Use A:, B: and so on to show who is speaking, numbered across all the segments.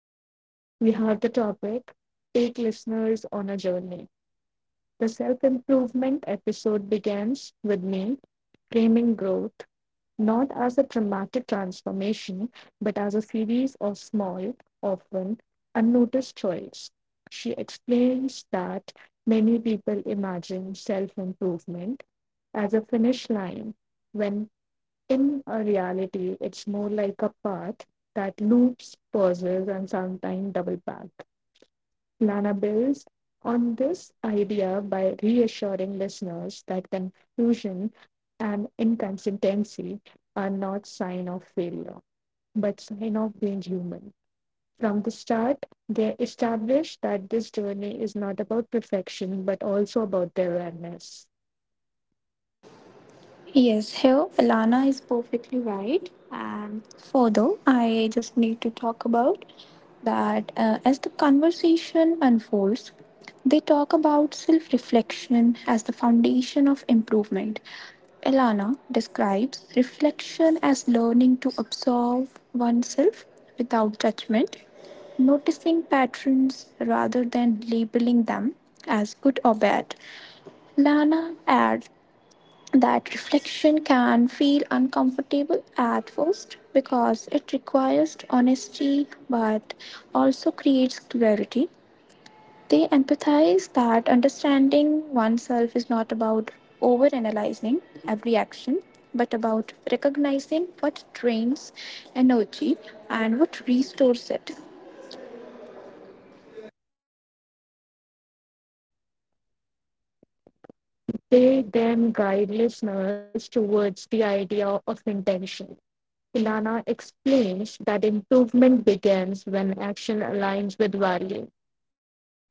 A: Lana, we have the topic Take Listeners on a Journey. The self improvement episode begins with me framing growth not as a dramatic transformation, but as a series of small, often unnoticed choices. She explains that many people imagine self improvement as a finish line when in a reality, it's more like a path that loops, pauses, and sometimes double back. Lana builds on this idea by reassuring listeners that confusion and inconsistency are not sign of failure, but sign of being human. From the start, they establish that this journey is not about perfection, but also about their awareness.
B: Yes, here Alana is perfectly right. And further, I just need to talk about that as the conversation unfolds, they talk about self reflection as the foundation of improvement. Elana describes reflection as learning to observe oneself without judgment, noticing patterns rather than labeling them as good or bad. Lana adds that reflection can feel uncomfortable at first because it requires honesty but also creates clarity. They empathize that understanding oneself is not about overanalyzing every action but about recognizing what drains energy and what restores it.
A: They then guide listeners towards the idea of intention. Filana explains that improvement begins when action aligns with value,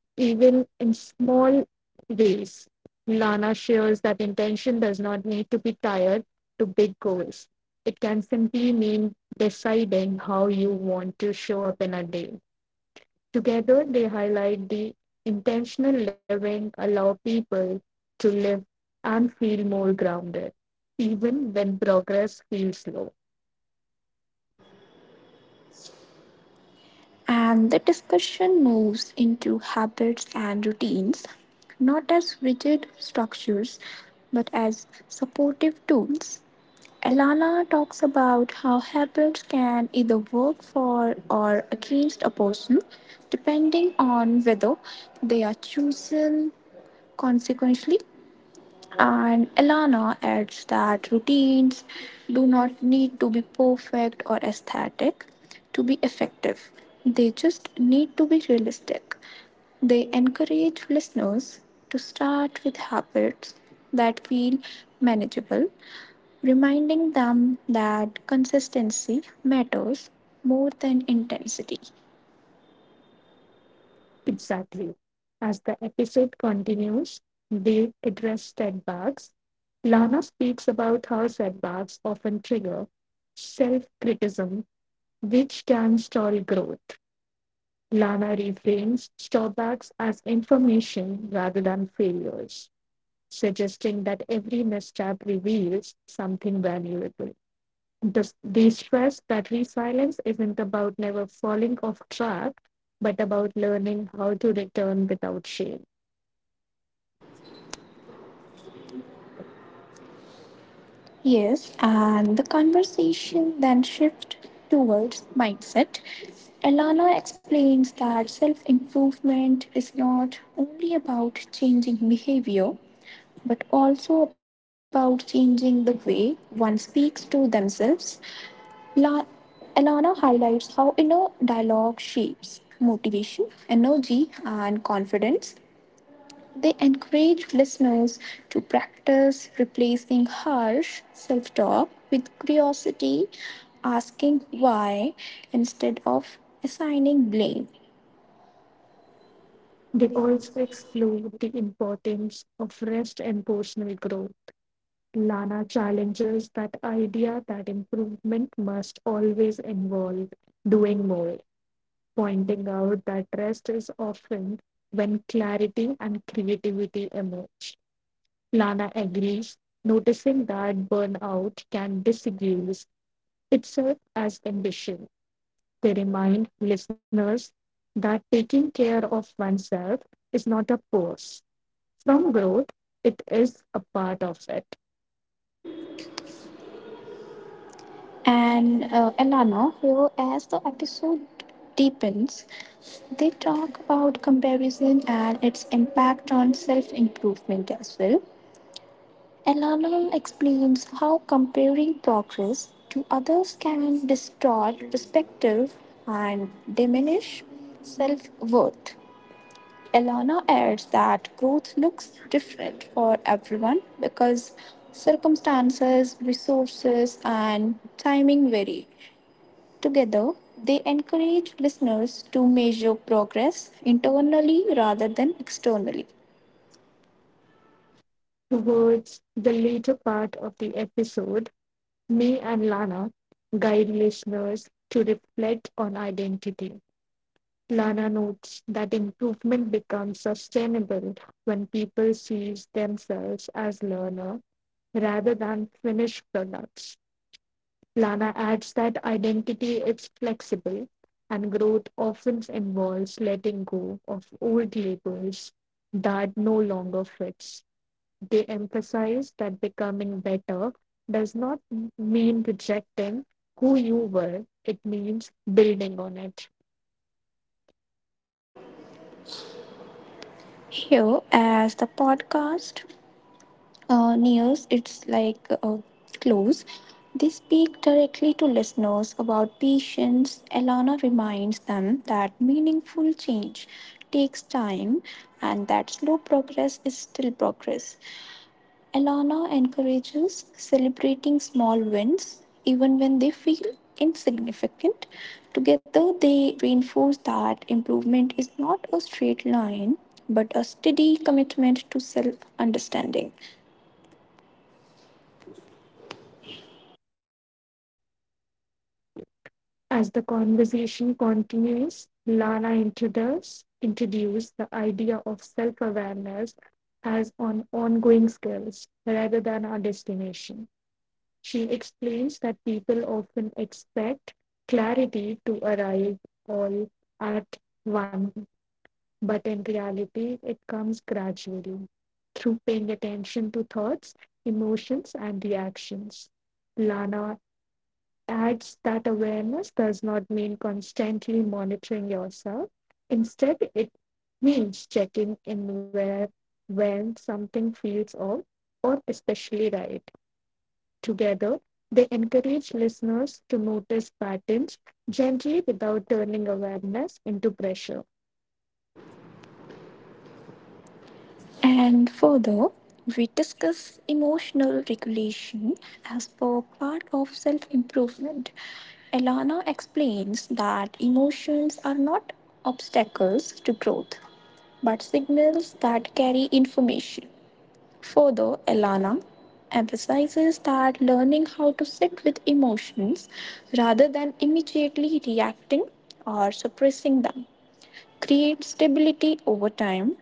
A: even in small ways. Filana shares that intention does not need to be tied to big goals. It can simply mean deciding how you want to show up in a day. Together, they highlight the intentional living allow people to live and feel more grounded, even when progress feels slow.
B: And the discussion moves into habits and routines, not as rigid structures, but as supportive tools. Alana talks about how habits can either work for or against a person, depending on whether they are chosen consequentially and Elana adds that routines do not need to be perfect or aesthetic to be effective, they just need to be realistic. They encourage listeners to start with habits that feel manageable, reminding them that consistency matters more than intensity.
A: Exactly. As the episode continues, they address setbacks. Lana speaks about how setbacks often trigger self criticism, which can stall growth. Lana reframes setbacks as information rather than failures, suggesting that every misstep reveals something valuable. This they stress that resilience isn't about never falling off track, but about learning how to return without shame.
B: Yes, and the conversation then shifts towards mindset. Elana explains that self improvement is not only about changing behavior, but also about changing the way one speaks to themselves. La- Elana highlights how inner dialogue shapes motivation, energy, and confidence, they encourage listeners to practice replacing harsh self talk with curiosity, asking why instead of assigning blame.
A: They also explore the importance of rest and personal growth. Lana challenges that idea that improvement must always involve doing more, pointing out that rest is often when clarity and creativity emerge. Lana agrees, noticing that burnout can disguise itself as ambition. They remind listeners that taking care of oneself is not a pose from growth, it is a part of it.
B: And Elana, here as the episode deepens, they talk about comparison and its impact on self improvement as well. Elana explains how comparing progress to others can distort perspective and diminish self worth. Elana adds that growth looks different for everyone because circumstances, resources, and timing vary. Together, they encourage listeners to measure progress internally rather than externally.
A: Towards the later part of the episode, me and Lana guide listeners to reflect on identity. Lana notes that improvement becomes sustainable when people see themselves as learner rather than finished products. Lana adds that identity is flexible, and growth often involves letting go of old labels that no longer fits. They emphasize that becoming better does not mean rejecting who you were, it means building on it.
B: Here, as the podcast news, it's like close. They speak directly to listeners about patience. Elana reminds them that meaningful change takes time and that slow progress is still progress. Elana encourages celebrating small wins even when they feel insignificant. Together, they reinforce that improvement is not a straight line but a steady commitment to self understanding.
A: As the conversation continues, Lana introduces introduced the idea of self awareness as an ongoing skill, rather than a destination. She explains that people often expect clarity to arrive all at once, but in reality, it comes gradually through paying attention to thoughts, emotions, and reactions. Lana adds that awareness does not mean constantly monitoring yourself. Instead, it means checking in where when something feels off or especially right. Together, they encourage listeners to notice patterns gently without turning awareness into pressure.
B: And further, we discuss emotional regulation as per part of self improvement. Elana explains that emotions are not obstacles to growth, but signals that carry information. Further, Elana emphasizes that learning how to sit with emotions rather than immediately reacting or suppressing them creates stability over time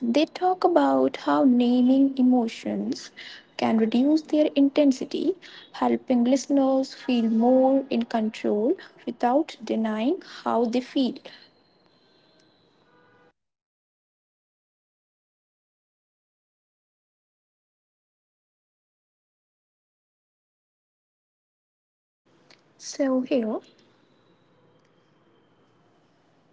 B: they talk about how naming emotions can reduce their intensity, helping listeners feel more in control without denying how they feel. So, here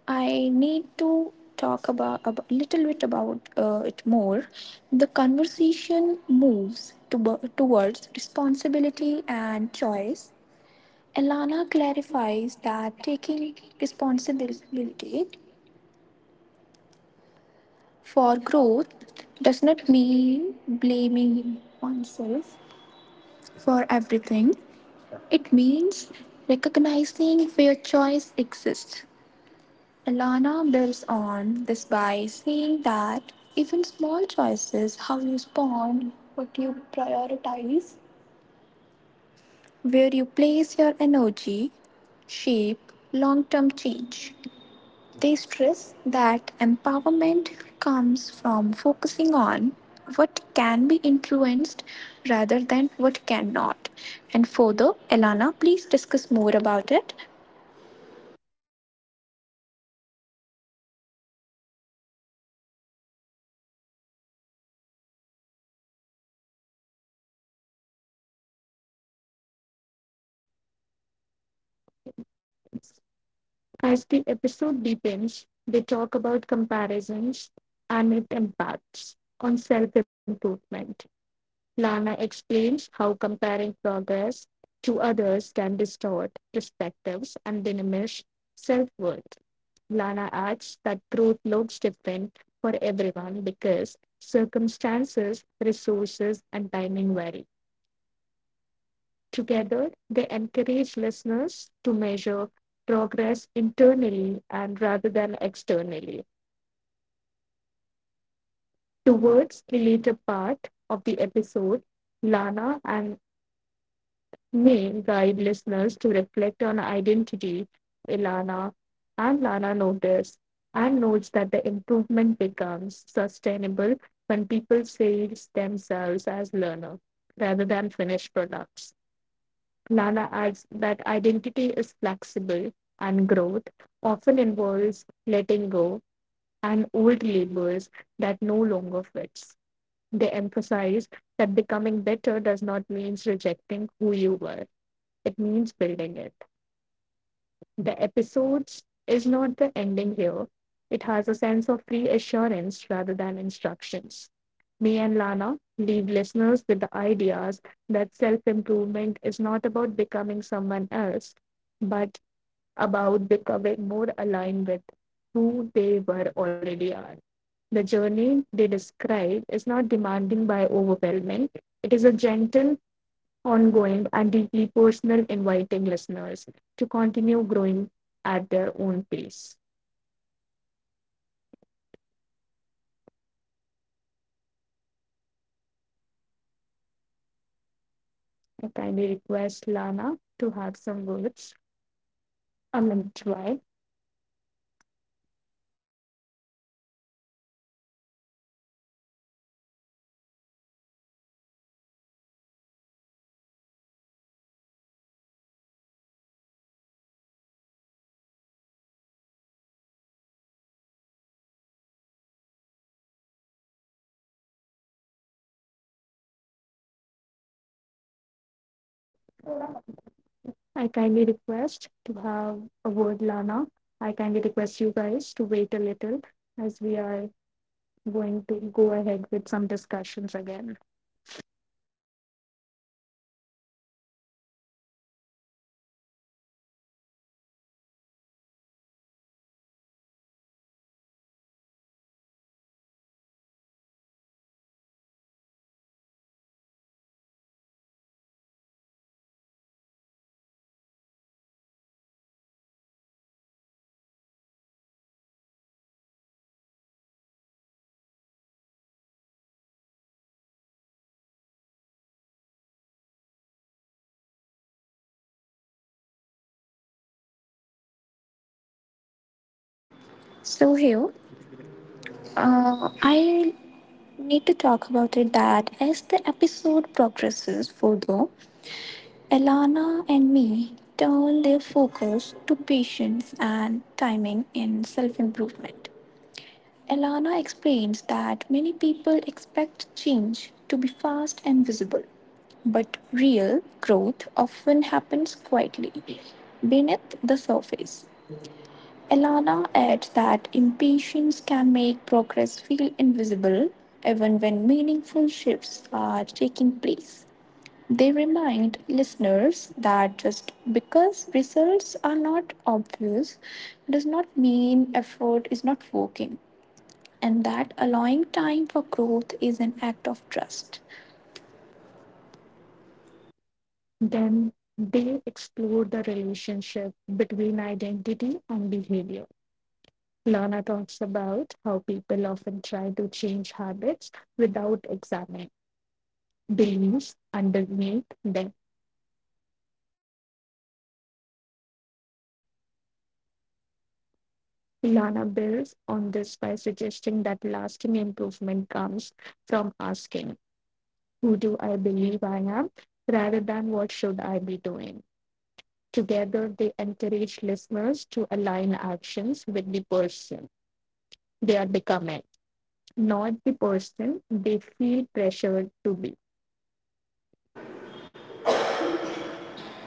B: I need to talk about a little bit about it more. The conversation moves towards responsibility and choice. Elana clarifies that taking responsibility for growth does not mean blaming oneself for everything. It means recognizing where choice exists. Alana builds on this by saying that even small choices, how you respond, what you prioritize, where you place your energy, shape long term change. They stress that empowerment comes from focusing on what can be influenced rather than what cannot. And further, Elana, please discuss more about it.
A: As the episode deepens, they talk about comparisons and its impacts on self improvement. Lana explains how comparing progress to others can distort perspectives and diminish self worth. Lana adds that growth looks different for everyone because circumstances, resources, and timing vary. Together, they encourage listeners to measure progress internally and rather than externally. Towards the later part of the episode, Lana and may guide listeners to reflect on identity. Ilana and Lana notice and notes that the improvement becomes sustainable when people see themselves as learner rather than finished products. Lana adds that identity is flexible and growth often involves letting go and old labels that no longer fits. They emphasize that becoming better does not mean rejecting who you were, it means building it. The episodes is not the ending here. It has a sense of reassurance rather than instructions. Me and Lana leave listeners with the ideas that self improvement is not about becoming someone else, but about becoming more aligned with who they were already are. The journey they describe is not demanding by overwhelming. It is a gentle ongoing, and deeply personal, inviting listeners to continue growing at their own pace. I kindly request Lana to have some words. I mean, Joy. I kindly request to have a word, Lana. I kindly request you guys to wait a little as we are going to go ahead with some discussions again.
B: So, here, I need to talk about it that as the episode progresses further, Elana and me turn their focus to patience and timing in self improvement. Elana explains that many people expect change to be fast and visible, but real growth often happens quietly beneath the surface. Elana adds that impatience can make progress feel invisible even when meaningful shifts are taking place. They remind listeners that just because results are not obvious does not mean effort is not working and that allowing time for growth is an act of trust.
A: Then they explore the relationship between identity and behavior. Lana talks about how people often try to change habits without examining beliefs underneath them. Lana builds on this by suggesting that lasting improvement comes from asking, who do I believe I am, rather than what should I be doing. Together, they encourage listeners to align actions with the person they are becoming, not the person they feel pressured to be.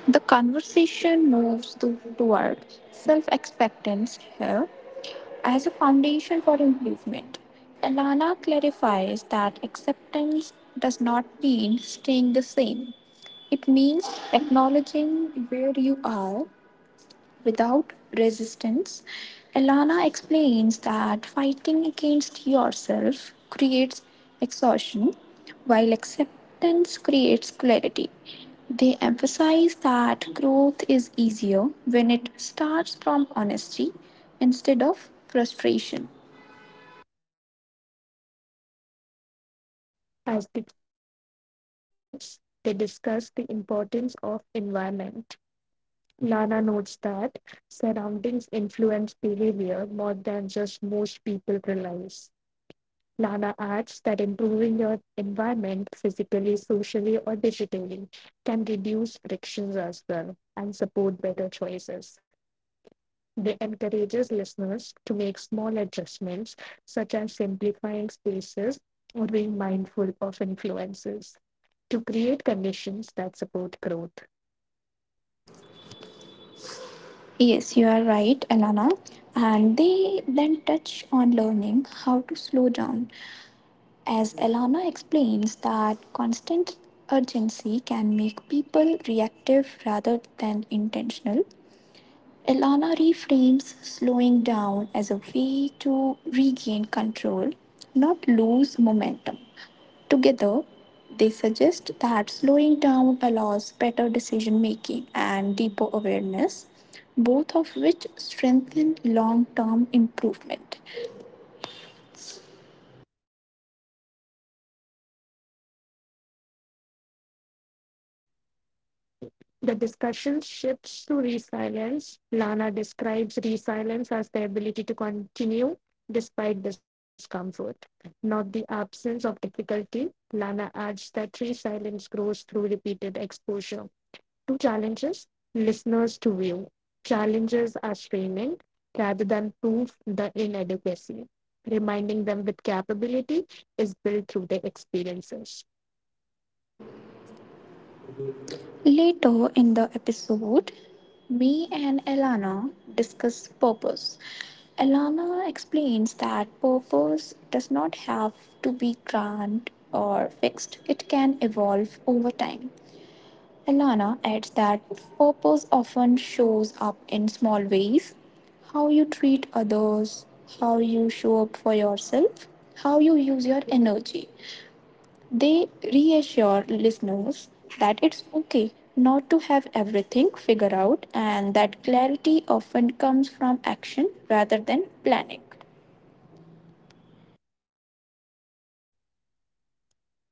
B: The conversation toward self acceptance here as a foundation for improvement. Elana clarifies that acceptance does not mean staying the same, it means acknowledging where you are without resistance. Elana explains that fighting against yourself creates exhaustion, while acceptance creates clarity. They emphasize that growth is easier when it starts from honesty instead of frustration.
A: As the episode continues, they discuss the importance of environment. Lana notes that surroundings influence behavior more than just most people realize. Lana adds that improving your environment physically, socially, or digitally can reduce frictions as well and support better choices. They encourage listeners to make small adjustments such as simplifying spaces or being mindful of influences to create conditions that support growth.
B: Yes, you are right, Elana. And they then touch on learning how to slow down as Elana explains, that constant urgency can make people reactive rather than intentional. Elana reframes slowing down as a way to regain control, not lose momentum. Together, they suggest that slowing down allows better decision making and deeper awareness, both of which strengthen long term improvement.
A: The discussion shifts to resilience. Lana describes resilience as the ability to continue despite discomfort, not the absence of difficulty. Lana adds that resilience grows through repeated exposure to challenges, listeners to view. Challenges as training rather than proof the inadequacy. Reminding them that capability is built through their experiences.
B: Later in the episode, me and Elana discuss purpose. Elana explains that purpose does not have to be grand or fixed, it can evolve over time. Elana adds that purpose often shows up in small ways how you treat others, how you show up for yourself, how you use your energy. They reassure listeners that it's okay not to have everything figured out and that clarity often comes from action rather than planning.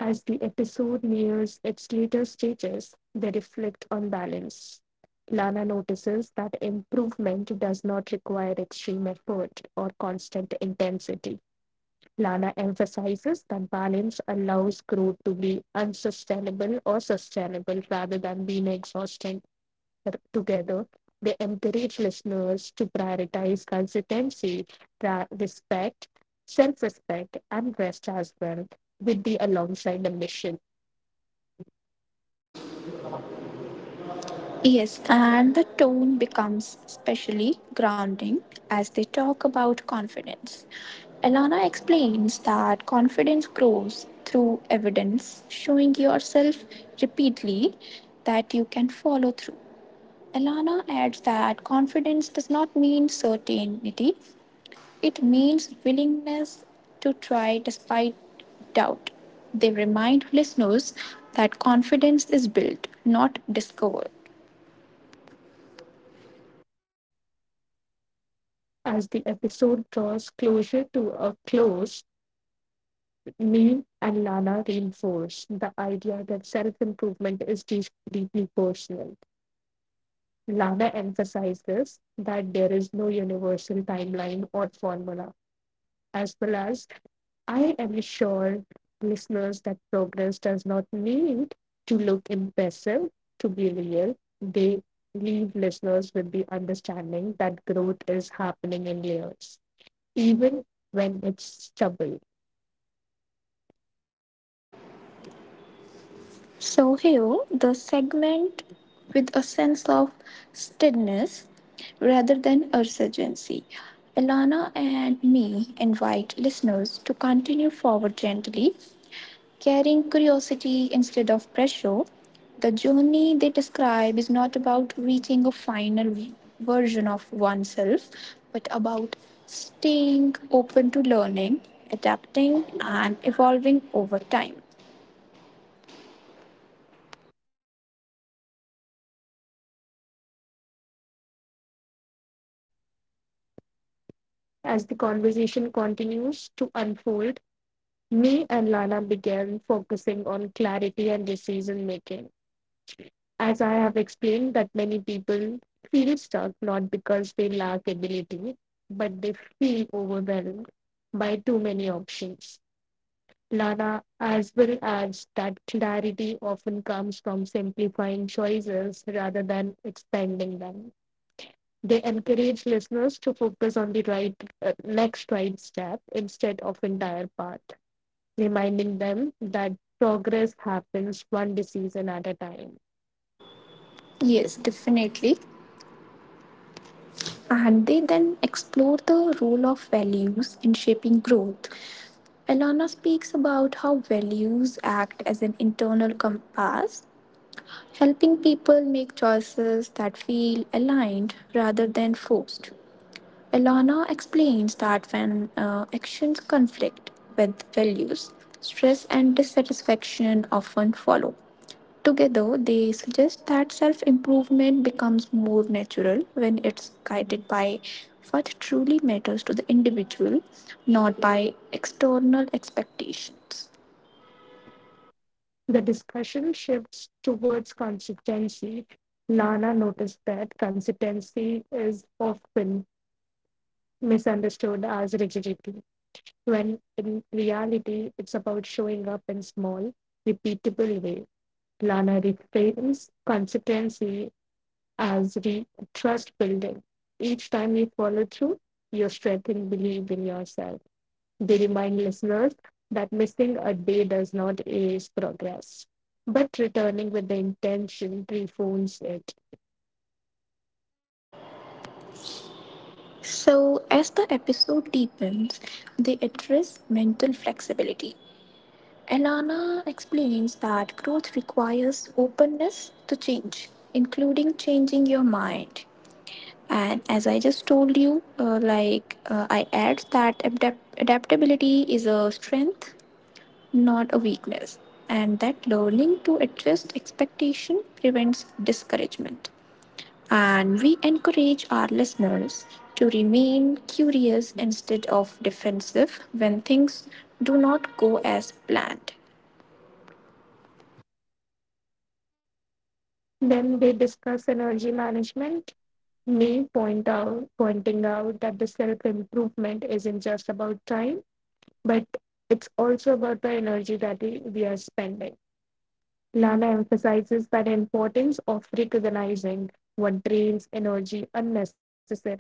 A: As the episode nears its later stages, they reflect on balance. Lana notices that improvement does not require extreme effort or constant intensity. Lana emphasizes that balance allows growth to be unsustainable or sustainable rather than being exhausting together. They encourage listeners to prioritize consistency, respect, self respect, and rest as well, with the alongside the mission.
B: Yes, and the tone becomes especially grounding as they talk about confidence. Elana explains that confidence grows through evidence, showing yourself repeatedly that you can follow through. Elana adds that confidence does not mean certainty, it means willingness to try despite doubt. They remind listeners that confidence is built, not discovered.
A: As the episode draws closer to a close, Neem and Lana reinforce the idea that self improvement is deeply personal. Lana emphasizes that there is no universal timeline or formula, as well as I am sure listeners that progress does not need to look impressive to be real. They leave listeners with the understanding that growth is happening in layers even when it's trouble.
B: So, here, the segment with a sense of steadiness rather than urgency. Elana and me invite listeners to continue forward gently carrying curiosity instead of pressure. The journey they describe is not about reaching a final version of oneself, but about staying open to learning, adapting, and evolving over time.
A: As the conversation continues to unfold, me and Lana began focusing on clarity and decision making. As I have explained, that many people feel stuck not because they lack ability, but they feel overwhelmed by too many options. Lana as well adds that clarity often comes from simplifying choices rather than expanding them. They encourage listeners to focus on the right next right step instead of entire path, reminding them that progress happens one decision at a time.
B: Yes, definitely. And they then explore the role of values in shaping growth. Elana speaks about how values act as an internal compass helping people make choices that feel aligned rather than forced. Elana explains that when actions conflict with values, stress and dissatisfaction often follow. Together, they suggest that self improvement becomes more natural when it's guided by what truly matters to the individual, not by external expectations.
A: The discussion shifts towards consistency. Lana noticed that consistency is often misunderstood as rigidity, when in reality it's about showing up in small, repeatable way. Lana reframes consistency as trust building. Each time you follow through, you strengthen belief in yourself. They remind listeners that missing a day does not erase progress, but returning with the intention reforms it.
B: So, as the episode deepens, they address mental flexibility. Elana explains that growth requires openness to change, including changing your mind. And as I just told you, like I add that adaptability is a strength, not a weakness, and that learning to adjust expectation prevents discouragement. And we encourage our listeners to remain curious instead of defensive when things do not go as planned.
A: Then they discuss energy management. Me point out, pointing out that the self improvement isn't just about time, but it's also about the energy that we are spending. Lana emphasizes the importance of recognizing what drains energy unnecessarily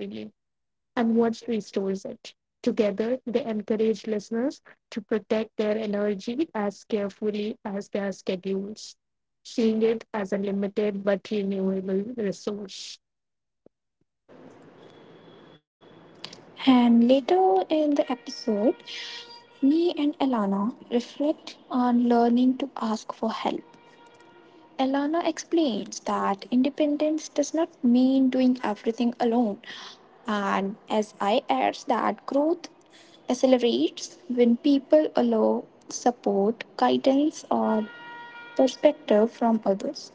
A: and what restores it. Together, they encourage listeners to protect their energy as carefully as their schedules, seeing it as a limited but renewable resource.
B: And later in the episode, me and Elana reflect on learning to ask for help. Elana explains that independence does not mean doing everything alone, and as I adds that growth accelerates when people allow support, guidance, or perspective from others.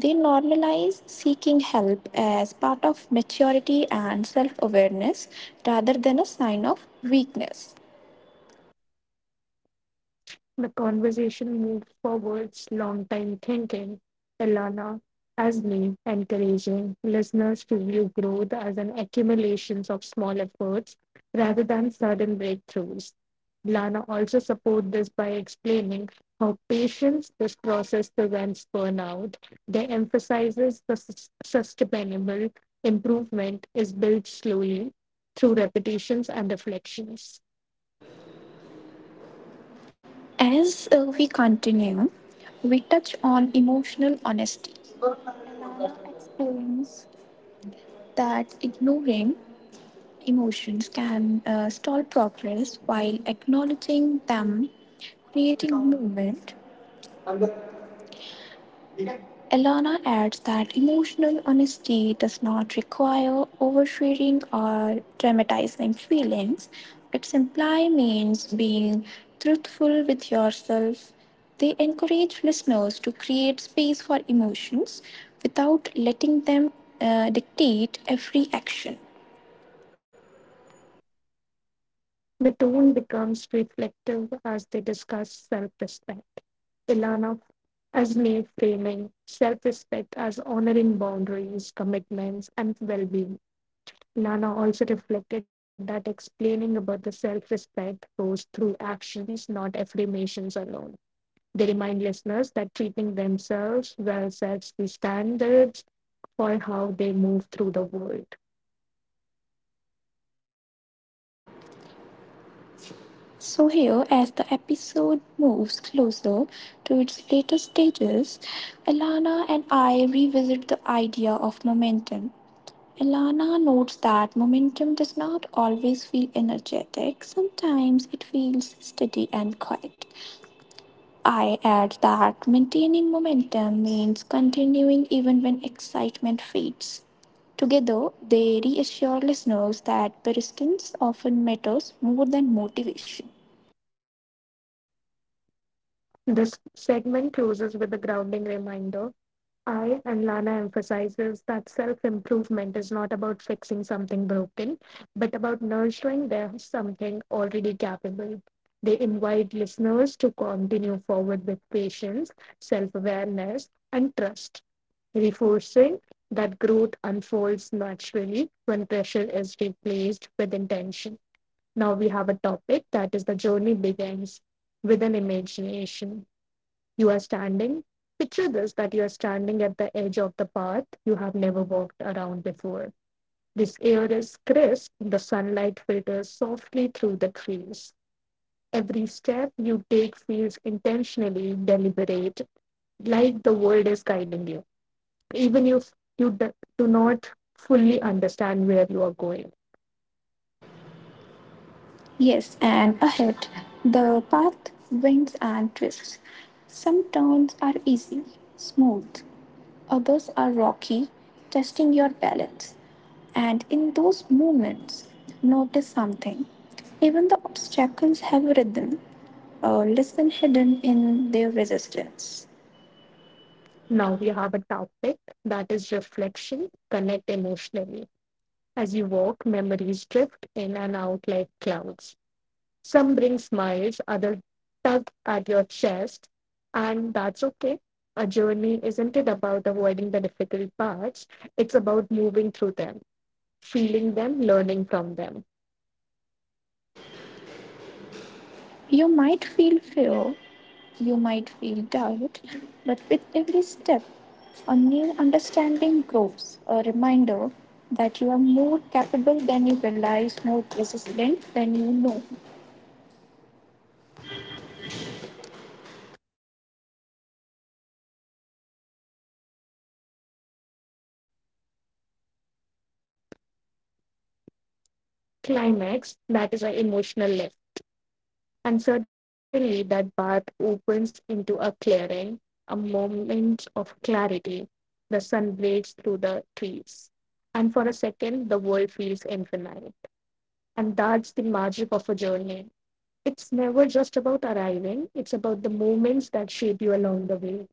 B: They normalize seeking help as part of maturity and self awareness rather than a sign of weakness.
A: The conversation moved forwards, long time thinking. Elana as me, encouraging listeners to view growth as an accumulation of small efforts rather than sudden breakthroughs. Lana also supports this by explaining how patience this process prevents burnout. They emphasizes the sustainable improvement is built slowly through repetitions and reflections.
B: As we continue, we touch on emotional honesty. Explains that ignoring emotions can stall progress while acknowledging them creating movement. Elana adds that emotional honesty does not require oversharing or dramatizing feelings. It simply means being truthful with yourself. They encourage listeners to create space for emotions without letting them dictate every action.
A: The tone becomes reflective as they discuss self respect. Ilana as may framing self respect as honoring boundaries, commitments, and well being. Ilana also reflected that explaining about the self respect goes through actions, not affirmations alone. They remind listeners that treating themselves well sets the standards for how they move through the world.
B: So, here, as the episode moves closer to its later stages, Elana and I revisit the idea of momentum. Elana notes that momentum does not always feel energetic, sometimes it feels steady and quiet. I add that maintaining momentum means continuing even when excitement fades. Together, they reassure listeners that persistence often matters more than motivation.
A: This segment closes with a grounding reminder. I and Lana emphasizes that self improvement is not about fixing something broken, but about nurturing their something already capable. They invite listeners to continue forward with patience, self awareness, and trust, reinforcing that growth unfolds naturally when pressure is replaced with intention. Now we have a topic that is the journey begins with an imagination. You are standing. Picture this that you are standing at the edge of the path you have never walked around before. This air is crisp, the sunlight filters softly through the trees. Every step you take feels intentionally deliberate, like the world is guiding you, even if you do not fully understand where you are going.
B: Yes, and ahead, the path winds and twists. Some turns are easy, smooth, others are rocky, testing your balance. And in those moments, notice something. Even the obstacles have a rhythm, a lesson hidden in their resistance.
A: Now we have a topic that is reflection, connect emotionally. As you walk, memories drift in and out like clouds. Some bring smiles, others tug at your chest, and that's okay. A journey isn't it about avoiding the difficult parts, it's about moving through them, feeling them, learning from them.
B: You might feel fear, you might feel doubt, but with every step, a new understanding grows, a reminder that you are more capable than you realize, more resilient than you know.
A: Climax, that is an emotional lift. And suddenly that path opens into a clearing, a moment of clarity. The sun breaks through the trees. And for a second, the world feels infinite. And that's the magic of a journey, it's never just about arriving, it's about the moments that shape you along the way,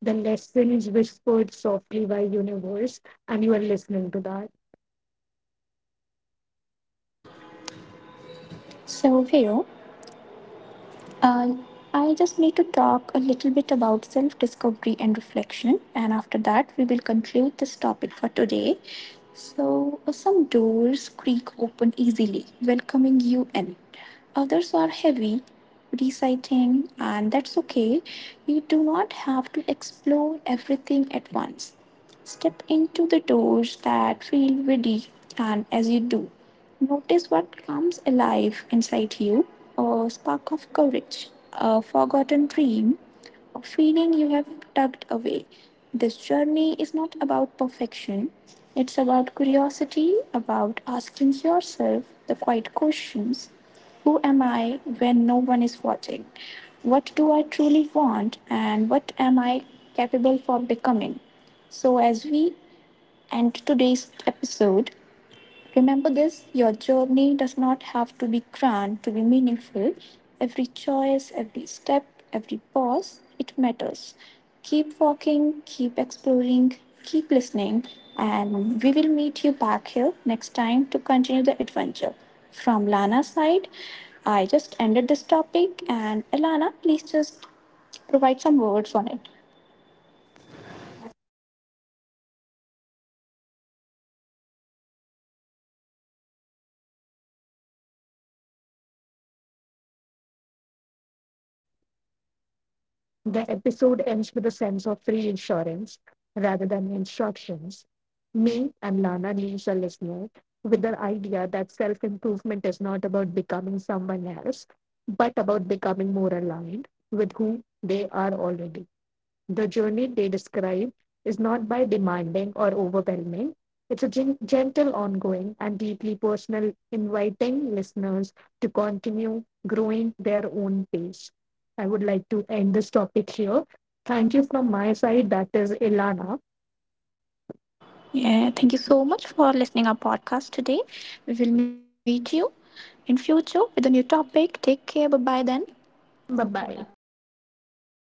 A: the lessons whispered softly by universe, and you are listening to that.
B: So, here Uh, I just need to talk a little bit about self discovery and reflection, and after that, we will conclude this topic for today. So, some doors creak open easily, welcoming you in. Others are heavy, reciting, and that's okay. You do not have to explore everything at once. Step into the doors that feel ready, and as you do, notice what comes alive inside you: a spark of courage, a forgotten dream, a feeling you have tucked away. This journey is not about perfection, it's about curiosity, about asking yourself the quiet questions: Who am I when no one is watching? What do I truly want? And what am I capable for becoming? So, as we end today's episode, remember this: your journey does not have to be grand to be meaningful. Every choice, every step, every pause, it matters. Keep walking, keep exploring, keep listening, and we will meet you back here next time to continue the adventure. From Lana's side, I just ended this topic, and Elana, please just provide some words on it.
A: The episode ends with a sense of reassurance rather than instructions. Me and Lana leaves a listener with the idea that self improvement is not about becoming someone else, but about becoming more aligned with who they are already. The journey they describe is not by demanding or overwhelming. It's a gentle, ongoing, and deeply personal, inviting listeners to continue growing their own pace. I would like to end this topic here. Thank you from my side. That is Ilana.
B: Yeah, thank you so much for listening our podcast today. We will meet you in future with a new topic. Take care. Bye bye then.
A: Bye bye.